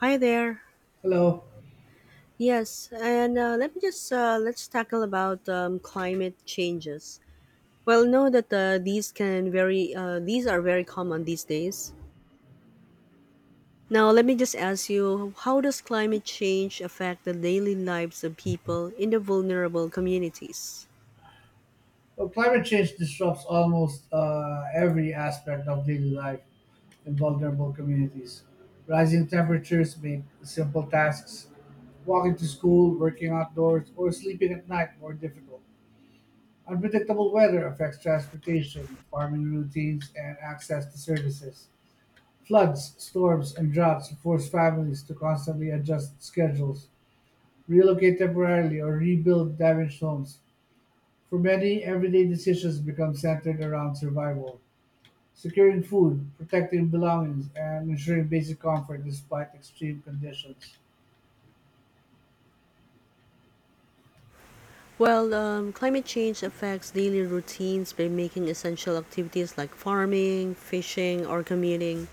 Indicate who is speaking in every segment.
Speaker 1: Hi there.
Speaker 2: Hello.
Speaker 1: Yes, and let me just let's tackle about climate changes. Well, know that these can very these are very common these days. Now, let me just ask you, how does climate change affect the daily lives of people in the vulnerable communities?
Speaker 2: Well, climate change disrupts almost every aspect of daily life in vulnerable communities. Rising temperatures make simple tasks, walking to school, working outdoors, or sleeping at night more difficult. Unpredictable weather affects transportation, farming routines, and access to services. Floods, storms, and droughts force families to constantly adjust schedules, relocate temporarily, or rebuild damaged homes. For many, everyday decisions become centered around survival: securing food, protecting belongings, and ensuring basic comfort despite extreme conditions.
Speaker 1: Well, climate change affects daily routines by making essential activities like farming, fishing, or commuting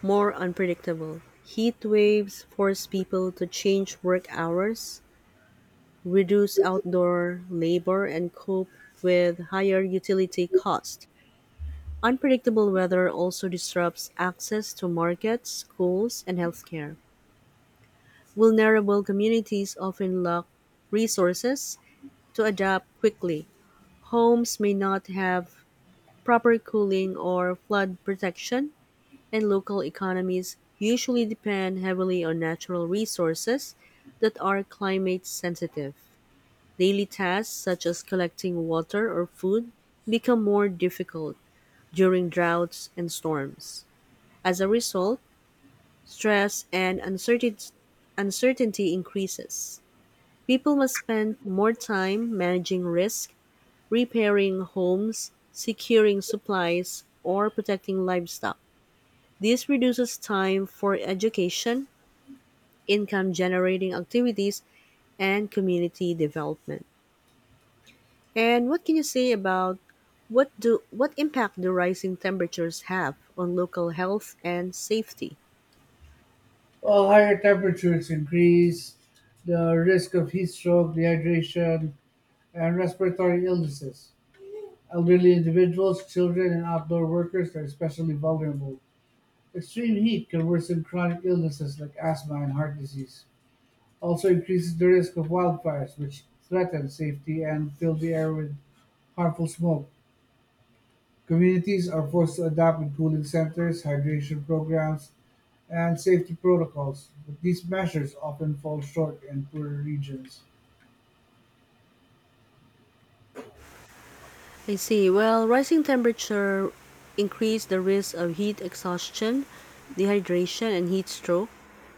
Speaker 1: more unpredictable. Heat waves force people to change work hours, reduce outdoor labor, and cope with higher utility costs. Unpredictable weather also disrupts access to markets, schools, and healthcare. Vulnerable communities often lack resources to adapt quickly. Homes may not have proper cooling or flood protection, and local economies usually depend heavily on natural resources that are climate sensitive. Daily tasks such as collecting water or food become more difficult during droughts and storms. As a result, stress and uncertainty increases. People must spend more time managing risk repairing homes, securing supplies, or protecting livestock. This reduces time for education, income generating activities, and community development. And what can you say about what impact do rising temperatures have on local health and safety?
Speaker 2: While higher temperatures increase the risk of heat stroke, dehydration, and respiratory illnesses. Elderly individuals, children, and outdoor workers are especially vulnerable. Extreme heat can worsen chronic illnesses like asthma and heart disease. Also increases the risk of wildfires, which threaten safety and fill the air with harmful smoke. Communities are forced to adapt with cooling centers, hydration programs, and safety protocols, but these measures often fall short in poorer regions.
Speaker 1: I see. Well, rising temperature increase the risk of heat exhaustion, dehydration, and heat stroke,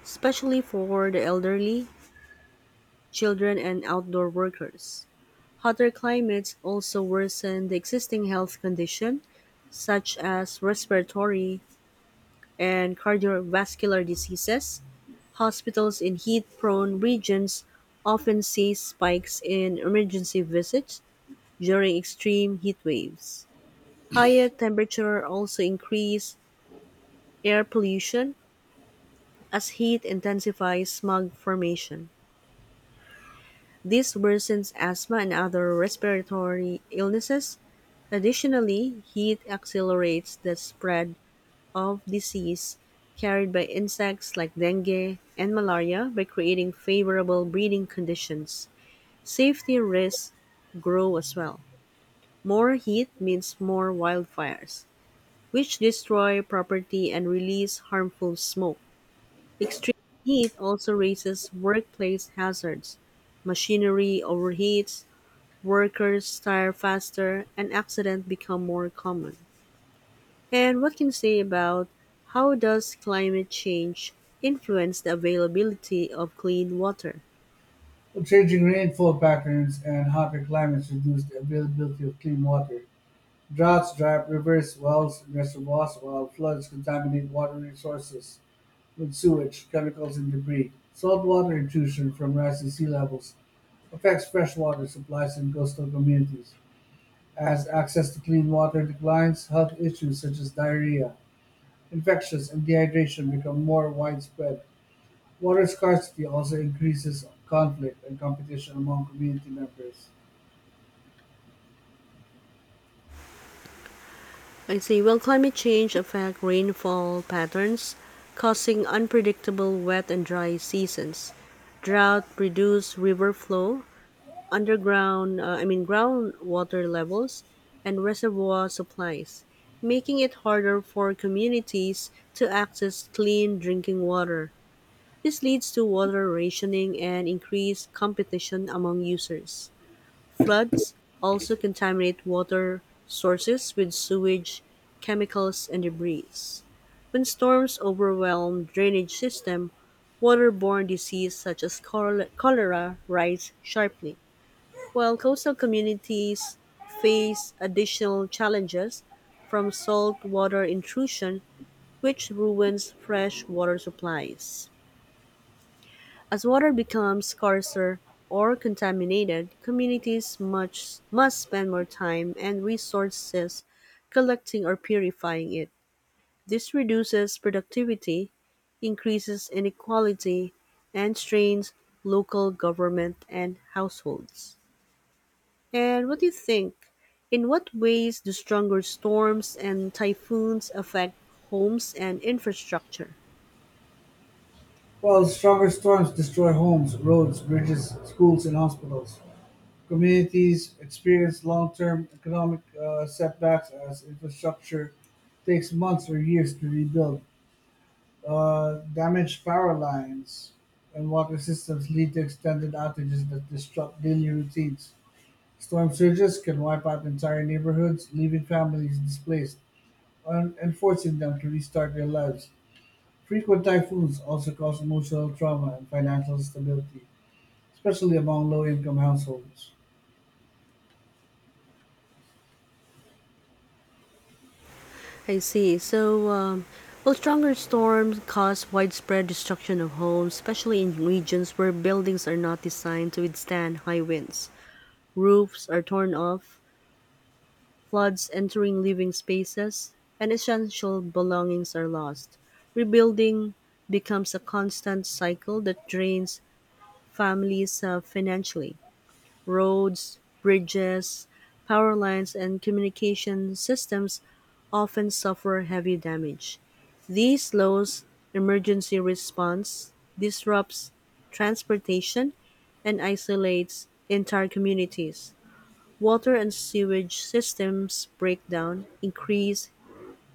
Speaker 1: especially for the elderly children and outdoor workers. Hotter climates also worsen the existing health condition such as respiratory and cardiovascular diseases. Hospitals in heat-prone regions often see spikes in emergency visits during extreme heat waves. Higher temperature also increase air pollution as heat intensifies smog formation. This worsens asthma and other respiratory illnesses. Additionally, heat accelerates the spread of disease carried by insects like dengue and malaria by creating favorable breeding conditions. Safety risks grow as well. More heat means more wildfires, which destroy property and release harmful smoke. Extreme heat also raises workplace hazards. Machinery overheats, workers tire faster, and accidents become more common. And what can you say about how does climate change influence the availability of clean water?
Speaker 2: Changing rainfall patterns and hotter climates reduce the availability of clean water. Droughts dry up rivers, wells, and reservoirs, while floods contaminate water resources with sewage, chemicals and debris. Saltwater intrusion from rising sea levels affects freshwater supplies in coastal communities. As access to clean water declines, health issues such as diarrhea, infections, and dehydration become more widespread. Water scarcity also increases conflict and competition among community members.
Speaker 1: I say, well, climate change affect rainfall patterns, causing unpredictable wet and dry seasons. Drought reduce river flow, I mean groundwater levels, and reservoir supplies, making it harder for communities to access clean drinking water. This leads to water rationing and increased competition among users. Floods also contaminate water sources with sewage, chemicals, and debris. When storms overwhelm drainage system, waterborne disease such as cholera rise sharply. While coastal communities face additional challenges from saltwater intrusion, which ruins fresh water supplies. As water becomes scarcer or contaminated, communities must spend more time and resources collecting or purifying it. This reduces productivity, increases inequality, and strains local government and households. And what do you think? In what ways do stronger storms and typhoons affect homes and infrastructure?
Speaker 2: While stronger storms destroy homes, roads, bridges, schools, and hospitals, communities experience long-term economic setbacks as infrastructure takes months or years to rebuild. Damaged power lines and water systems lead to extended outages that disrupt daily routines. Storm surges can wipe out entire neighborhoods, leaving families displaced and forcing them to restart their lives. Frequent typhoons also cause emotional trauma and financial instability, especially among low income households.
Speaker 1: I see. So, will stronger storms cause widespread destruction of homes, especially in regions where buildings are not designed to withstand high winds? Roofs are torn off, floods entering living spaces, and essential belongings are lost. Rebuilding becomes a constant cycle that drains families financially. Roads, bridges, power lines, and communication systems often suffer heavy damage. This slows emergency response, disrupts transportation, and isolates entire communities. Water and sewage systems break down, increase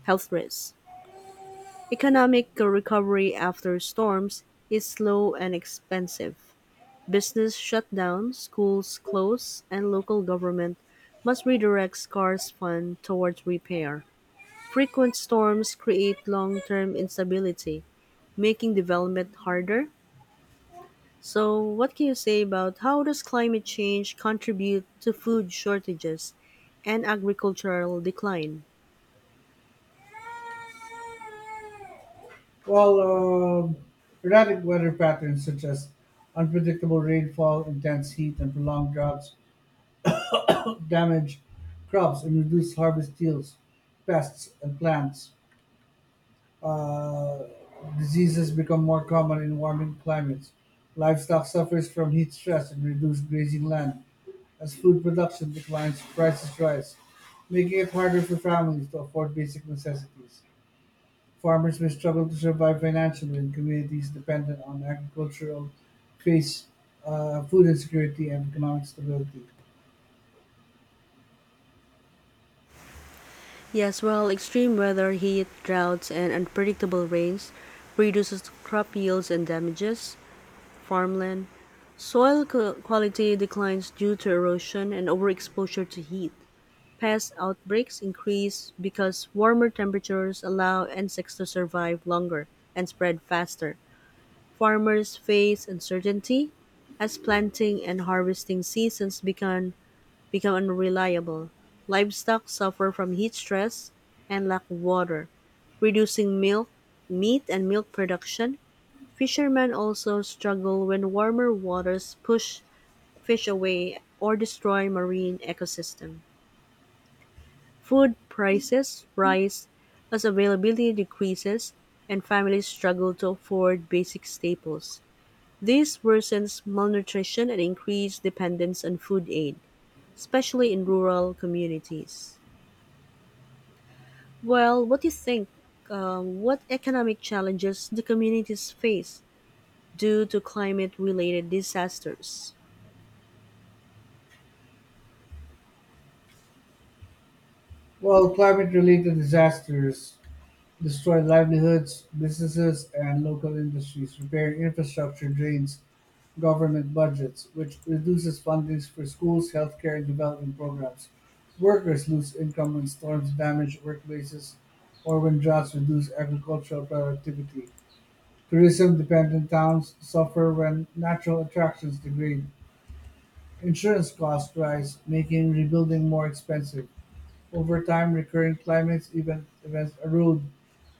Speaker 1: health risks. Economic recovery after storms is slow and expensive. Business shut down, schools close, and local government must redirect scarce funds towards repair. Frequent storms create long term instability making development harder. So, what can you say about how does climate change contribute to food shortages and agricultural decline?
Speaker 2: Well, um Erratic weather patterns such as unpredictable rainfall, intense heat, and prolonged droughts damage crops and reduce harvest yields. Pests and plants uh, diseases become more common in warming climates. Livestock suffers from heat stress and reduced grazing land. As food production declines, prices rise, making it harder for families to afford basic necessities. Farmers may struggle to survive financially and communities dependent on agriculture will face food insecurity and economic stability.
Speaker 1: Yes, well, extreme weather, heat, droughts, and unpredictable rains reduces crop yields and damages farmland. Quality declines due to erosion and overexposure to heat. Pest outbreaks increase because warmer temperatures allow insects to survive longer and spread faster. Farmers face uncertainty as planting and harvesting seasons become unreliable. Livestock suffer from heat stress and lack of water, reducing milk, meat, and milk production. Fishermen also struggle when warmer waters push fish away or destroy marine ecosystem. Food prices rise as availability decreases and families struggle to afford basic staples. This worsens malnutrition and increased dependence on food aid, especially in rural communities. Well, what do you think? What economic challenges do communities face due to climate related disasters?
Speaker 2: While climate-related disasters destroy livelihoods, businesses, and local industries, repairing infrastructure drains government budgets, which reduces funding for schools, healthcare, and development programs. Workers lose income when storms damage workplaces or when droughts reduce agricultural productivity. Tourism-dependent towns suffer when natural attractions degrade, insurance costs rise, making rebuilding more expensive. Over time, recurrent events erode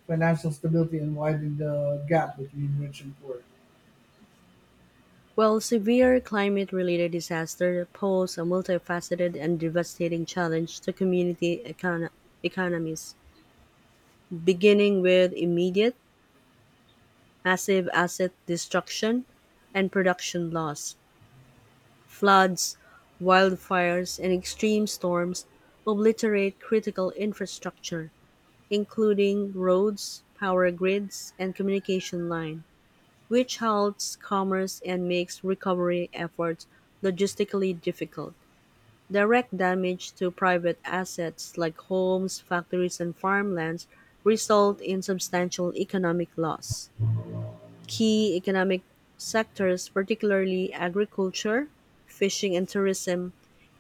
Speaker 2: financial stability and widen the gap between rich and poor.
Speaker 1: Well, severe climate related disasters pose a multifaceted and devastating challenge to community economies, beginning with immediate, massive asset destruction and production loss. Floods, wildfires, and extreme storms obliterate critical infrastructure, including roads, power grids, and communication line, which halts commerce and makes recovery efforts logistically difficult. Direct damage to private assets like homes, factories, and farmlands result in substantial economic loss. Key economic sectors, particularly agriculture, fishing, and tourism,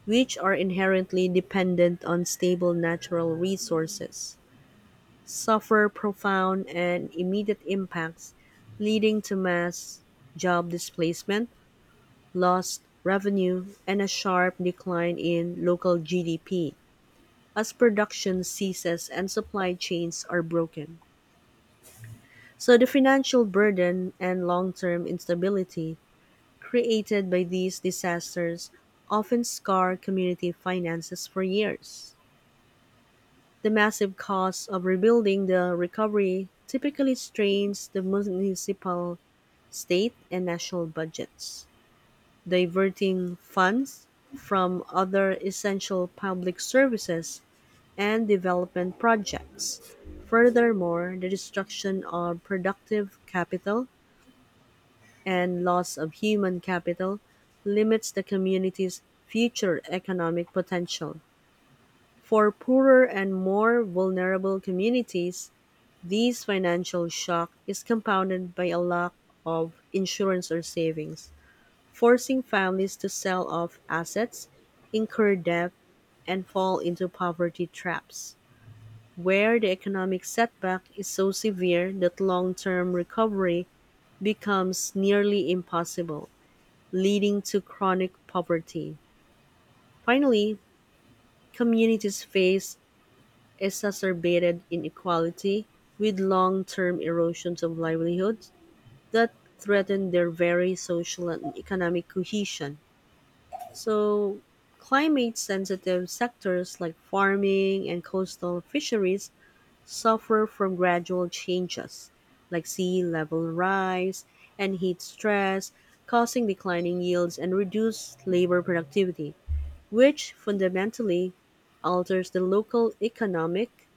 Speaker 1: which are inherently dependent on stable natural resources, suffer profound and immediate impacts, leading to mass job displacement, lost revenue, and a sharp decline in local GDP as production ceases and supply chains are broken. So, the financial burden and long term instability created by these disasters often scar community finances for years. The massive cost of rebuilding the recovery typically strains the municipal, state, and national budgets, diverting funds from other essential public services and development projects. Furthermore, the destruction of productive capital and loss of human capital limits the community's future economic potential. For poorer and more vulnerable communities, this financial shock is compounded by a lack of insurance or savings, forcing families to sell off assets, incur debt, and fall into poverty traps, where the economic setback is so severe that long term recovery becomes nearly impossible, leading to chronic poverty. Finally, communities face exacerbated inequality with long term erosions of livelihoods that threaten their very social and economic cohesion. So, climate sensitive sectors like farming and coastal fisheries suffer from gradual changes like sea level rise and heat stress, causing declining yields and reduced labor productivity, which fundamentally alters the local economic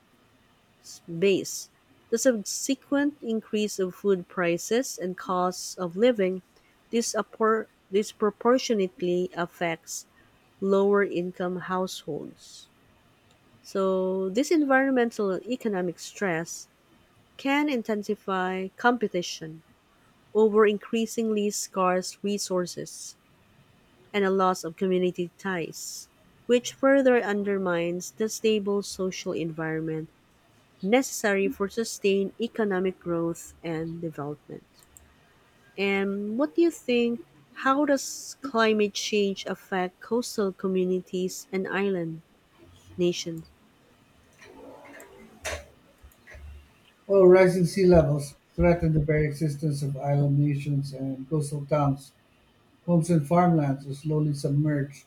Speaker 1: base, the subsequent increase of food prices and costs of living disproportionately affects lower income households. So, this environmental and economic stress can intensify competition over increasingly scarce resources and a loss of community ties, which further undermines the stable social environment necessary for sustained economic growth and development. And what do you think? How does climate change affect coastal communities and island nations?
Speaker 2: While rising sea levels threaten the very existence of island nations and coastal towns, homes and farmlands are slowly submerged,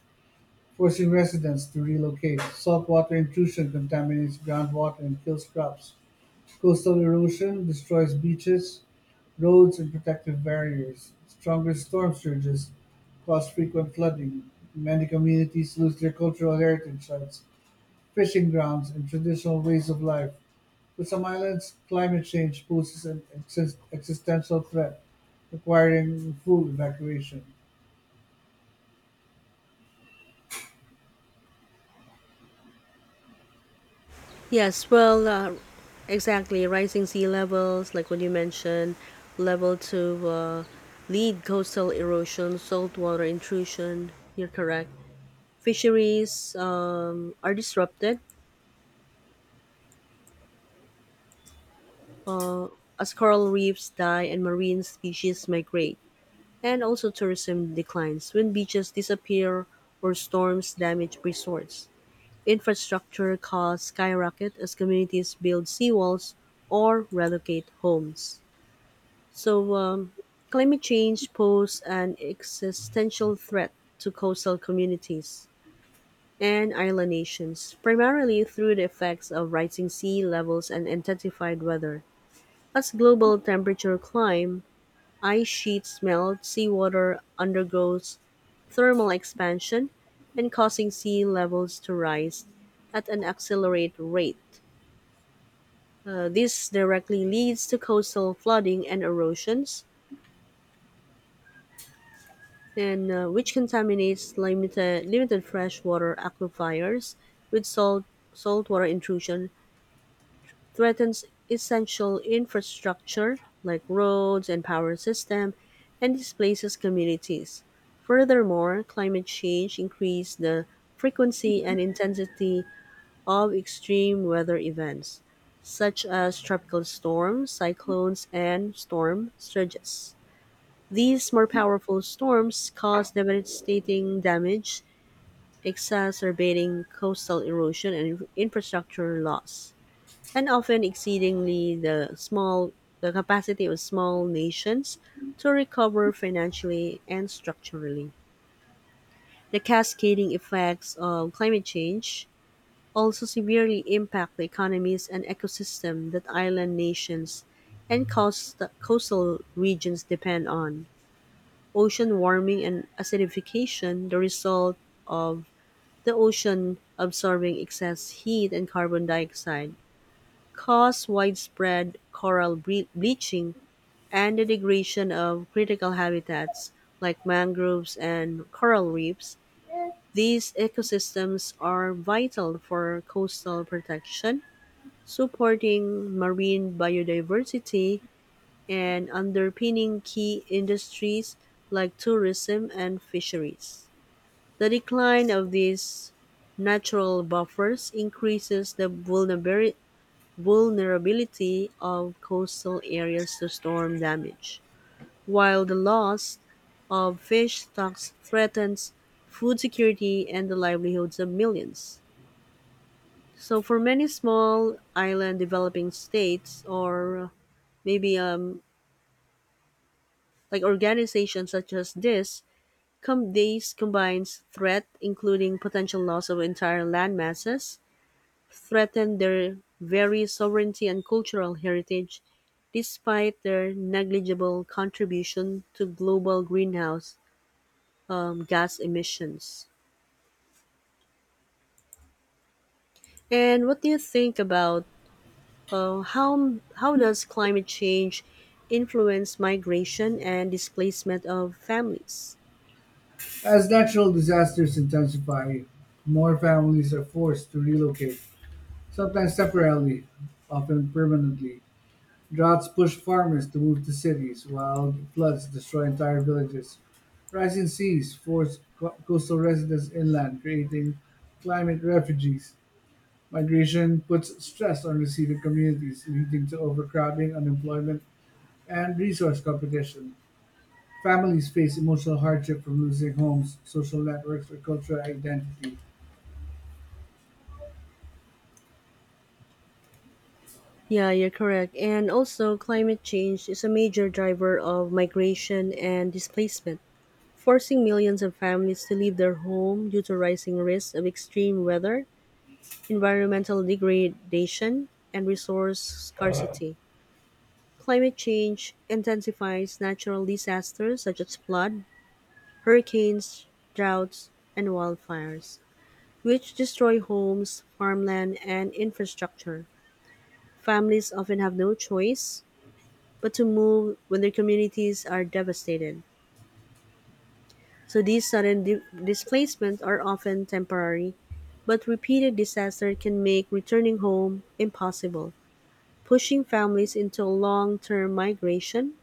Speaker 2: forcing residents to relocate. Saltwater intrusion contaminates groundwater and kills crops. Coastal erosion destroys beaches, roads and protective barriers; stronger storm surges cause frequent flooding; many communities lose their cultural heritage sites, fishing grounds, and traditional ways of life. For some islands, climate change poses an existential threat, requiring full evacuation.
Speaker 1: Yes, well, exactly. Rising sea levels, like what you mentioned, level to lead coastal erosion, saltwater intrusion. You're correct. Fisheries are disrupted as coral reefs die and marine species migrate. And also tourism declines when beaches disappear or storms damage resorts. Infrastructure costs skyrocket as communities build seawalls or relocate homes. So, climate change poses an existential threat to coastal communities and island nations, primarily through the effects of rising sea levels and intensified weather. As global temperature climb, ice sheets melt, seawater undergoes thermal expansion and causing sea levels to rise at an accelerated rate. This directly leads to coastal flooding and erosions, and which contaminates limited freshwater aquifers with saltwater intrusion, threatens essential infrastructure like roads and power system, and displaces communities. Furthermore, climate change increases the frequency and intensity of extreme weather events, such as tropical storms, cyclones, and storm surges. These more powerful storms cause devastating damage, exacerbating coastal erosion and infrastructure loss, and often exceedingly the capacity of small nations to recover financially and structurally. The cascading effects of climate change also severely impact the economies and ecosystem that island nations and coastal regions depend on. Ocean warming and acidification, the result of the ocean absorbing excess heat and carbon dioxide, cause widespread coral bleaching and the degradation of critical habitats like mangroves and coral reefs. These ecosystems are vital for coastal protection supporting marine biodiversity and underpinning key industries like tourism and fisheries. The decline of these natural buffers increases the vulnerability of coastal areas to storm damage, while the loss of fish stocks threatens food security and the livelihoods of millions. So, for many small island developing states or maybe like organizations such as this these combines threat including potential loss of entire land masses threaten their very sovereignty and cultural heritage despite their negligible contribution to global greenhouse gas emissions. And what do you think about how does climate change influence migration and displacement of families?
Speaker 2: As natural disasters intensify, more families are forced to relocate, sometimes temporarily, often permanently. Droughts push farmers to move to cities, while floods destroy entire villages. Rising seas force coastal residents inland, creating climate refugees. Migration puts stress on receiving communities, leading to overcrowding, unemployment, and resource competition. Families face emotional hardship from losing homes, social networks, or cultural identity.
Speaker 1: Yeah, you're correct. And also, climate change is a major driver of migration and displacement, forcing millions of families to leave their home due to rising risks of extreme weather, environmental degradation, and resource scarcity. Climate change intensifies natural disasters such as flood, hurricanes, droughts, and wildfires, which destroy homes, farmland, and infrastructure. Families often have no choice but to move when their communities are devastated. So these sudden displacements are often temporary, but repeated disaster can make returning home impossible, pushing families into long-term migration.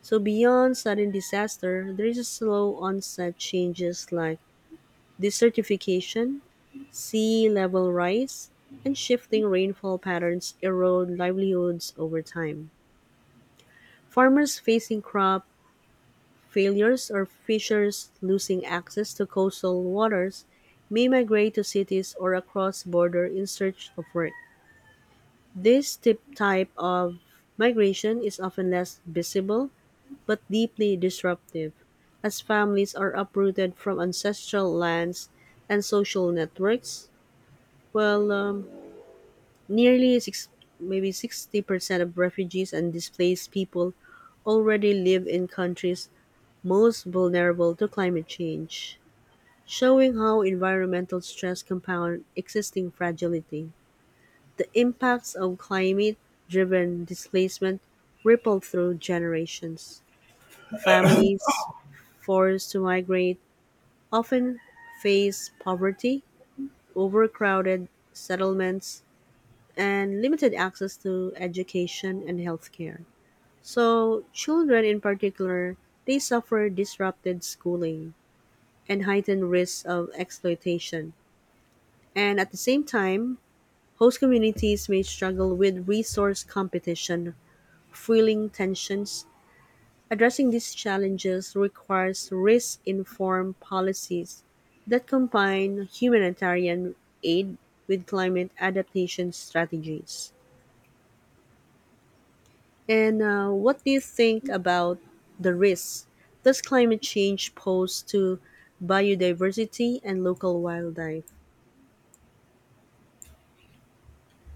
Speaker 1: So beyond sudden disaster, there is a slow onset changes like desertification, sea level rise, and shifting rainfall patterns erode livelihoods over time. Farmers facing crop failures or fishers losing access to coastal waters may migrate to cities or across border in search of work. This tip type of migration is often less visible but deeply disruptive, as families are uprooted from ancestral lands and social networks. Well, um, nearly six, Maybe 60% of refugees and displaced people already live in countries most vulnerable to climate change, showing how environmental stress compound existing fragility. The impacts of climate driven displacement ripple through generations. Families forced to migrate often face poverty, overcrowded settlements, and limited access to education and healthcare. So children in particular, they suffer disrupted schooling and heightened risks of exploitation. And at the same time, host communities may struggle with resource competition, fueling tensions. Addressing these challenges requires risk informed policies that combine humanitarian aid with climate adaptation strategies. And What do you think about the risks does climate change pose to biodiversity and local wildlife?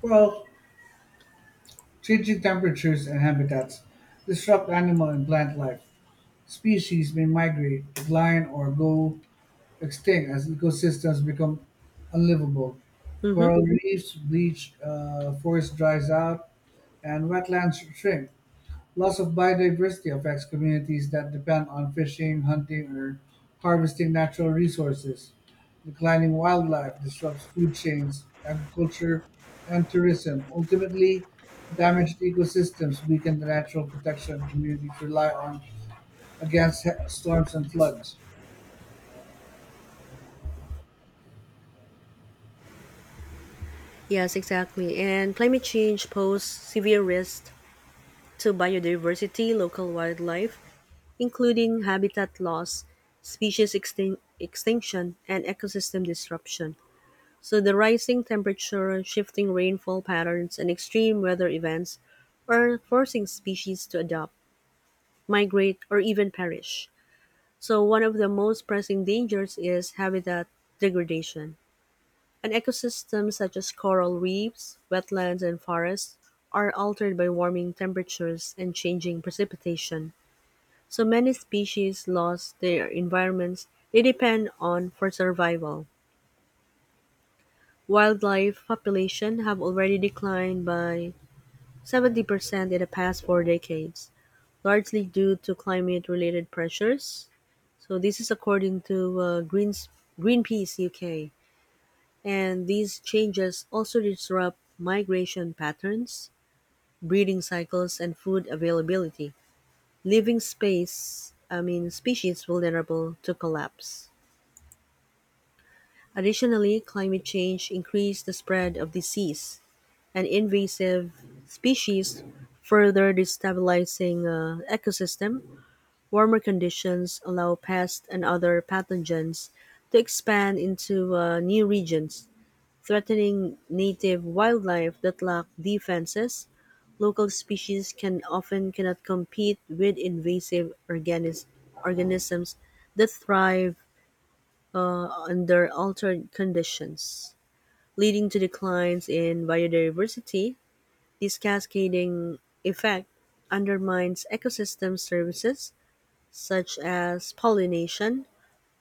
Speaker 2: Well, changing temperatures and habitats disrupt animal and plant life. Species may migrate, decline, or go extinct as ecosystems become unlivable.
Speaker 1: Mm-hmm.
Speaker 2: Coral reefs bleach, forest dries out, and wetlands shrink. Loss of biodiversity affects communities that depend on fishing, hunting, or harvesting natural resources. Declining wildlife disrupts food chains, agriculture, and tourism. Ultimately, damaged ecosystems weaken the natural protection communities rely on against storms and floods.
Speaker 1: Yes, exactly. And climate change poses severe risks to biodiversity, local wildlife, including habitat loss, extinction, and ecosystem disruption. So the rising temperature, shifting rainfall patterns, and extreme weather events are forcing species to adapt, migrate, or even perish. So one of the most pressing dangers is habitat degradation. An ecosystem such as coral reefs, wetlands, and forests are altered by warming temperatures and changing precipitation. So many species lost their environments they depend on for survival. Wildlife population have already declined by 70% in the past 4 decades, largely due to climate related pressures. So this is according to Greens Greenpeace UK. And these changes also disrupt migration patterns, breeding cycles, and food availability, leaving species vulnerable to collapse. Additionally, climate change increased the spread of disease and invasive species, further destabilizing ecosystem. Warmer conditions allow pests and other pathogens to expand into new regions, threatening native wildlife that lack defenses. Local species can often cannot compete with organisms that thrive under altered conditions leading to declines in biodiversity. This cascading effect undermines ecosystem services such as pollination,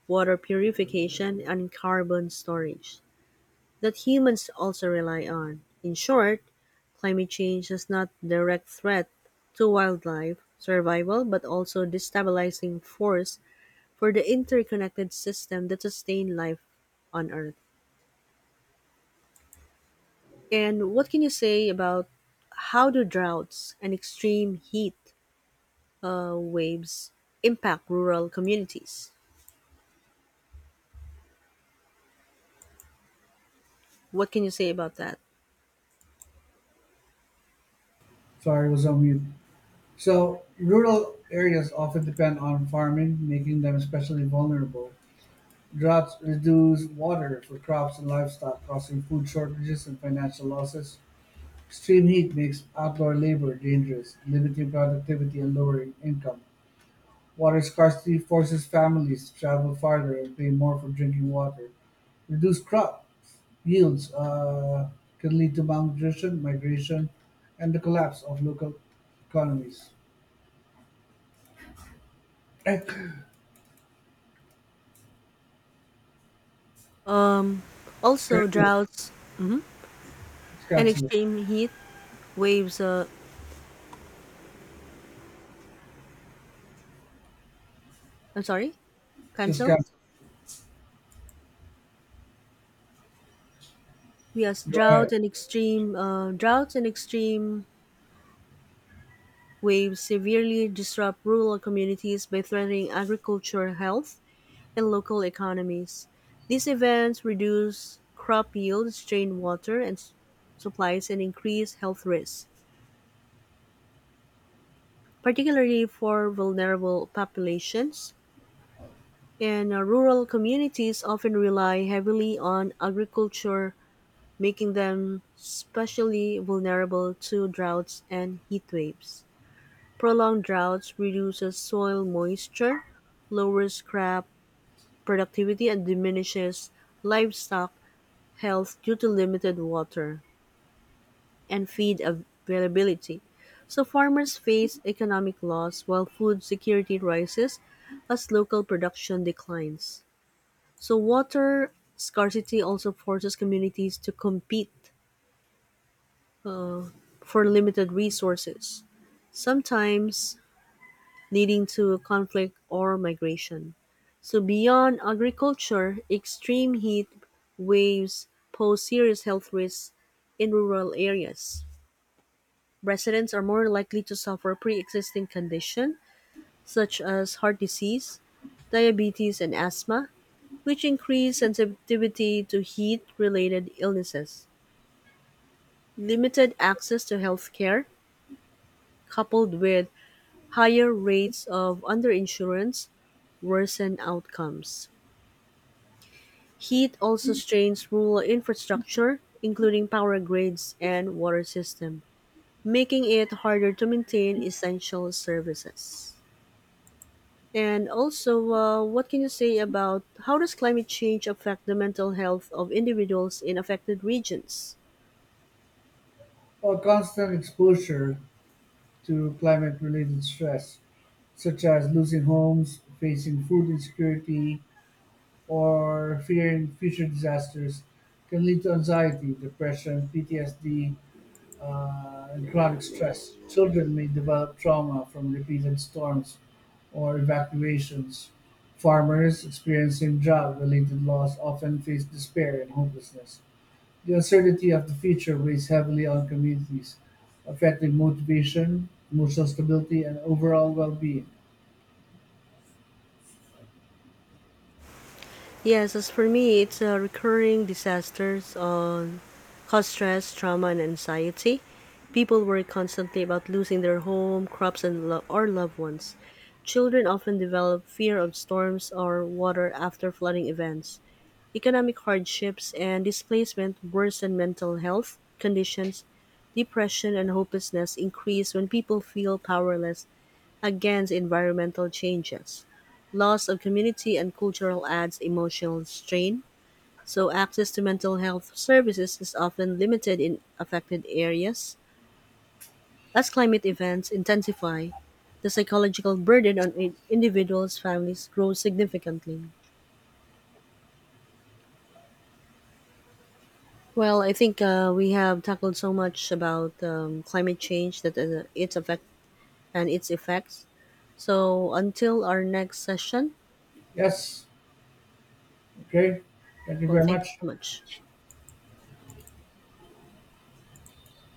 Speaker 1: water purification, and carbon storage that humans also rely on. In short, climate change is not a direct threat to wildlife survival but also a destabilizing force for the interconnected system that sustain life on earth. And what can you say about how do droughts and extreme heat waves impact rural communities? What can you say about that?
Speaker 2: Sorry, was on mute. So rural areas often depend on farming, making them especially vulnerable. Droughts reduce water for crops and livestock, causing food shortages and financial losses. Extreme heat makes outdoor labor dangerous, limiting productivity and lowering income. Water scarcity forces families to travel farther and pay more for drinking water. Reduced crop yields can lead to malnutrition, migration, and the collapse of local economies. Eh,
Speaker 1: Um, Also,
Speaker 2: cancel,
Speaker 1: droughts
Speaker 2: just
Speaker 1: and
Speaker 2: cancel it.
Speaker 1: extreme heat waves. I'm sorry,
Speaker 2: Just
Speaker 1: cancel.
Speaker 2: cancel
Speaker 1: Yes,
Speaker 2: it. Go ahead.
Speaker 1: droughts and extreme waves severely disrupt rural communities by threatening agricultural health and local economies. These events reduce crop yields, strain water and s- supplies, and increase health risks, particularly for vulnerable populations. And Rural communities often rely heavily on agriculture, making them especially vulnerable to droughts and heat waves. Prolonged droughts reduces soil moisture, lowers crop productivity, and diminishes livestock health due to limited water and feed availability, so farmers face economic loss while food security rises as local production declines. So water scarcity also forces communities to compete uh, for limited resources, sometimes leading to conflict or migration. So, beyond agriculture, extreme heat waves pose serious health risks in rural areas. Residents are more likely to suffer pre-existing conditions such as heart disease, diabetes, and asthma, which increase sensitivity to heat-related illnesses. Limited access to health care, coupled with higher rates of underinsurance, worsen outcomes. Heat also strains rural infrastructure, including power grids and water system, making it harder to maintain essential services. And also, what can you say about how does climate change affect the mental health of individuals in affected regions?
Speaker 2: Well, constant exposure to climate-related stress, such as losing homes, facing food insecurity, or fearing future disasters can lead to anxiety, depression, PTSD, and chronic stress. Children may develop trauma from repeated storms or evacuations. Farmers experiencing drought related loss often face despair and hopelessness. The uncertainty of the future weighs heavily on communities, affecting motivation, emotional stability, and overall well being.
Speaker 1: Yes, as for me, it's a recurring disasters on cause stress, trauma, and anxiety. People worry constantly about losing their home, crops, and or loved ones. Children often develop fear of storms or water after flooding events. Economic hardships and displacement worsen mental health conditions. Depression and hopelessness increase when people feel powerless against environmental changes. Loss of community and cultural adds emotional strain, so access to mental health services is often limited in affected areas. As climate events intensify, the psychological burden on individuals' families grows significantly. Well, I think we have tackled so much about climate change that its effects. So until our next session,
Speaker 2: Yes, okay. Thank you
Speaker 1: well,
Speaker 2: very
Speaker 1: thank you
Speaker 2: much.
Speaker 1: so much.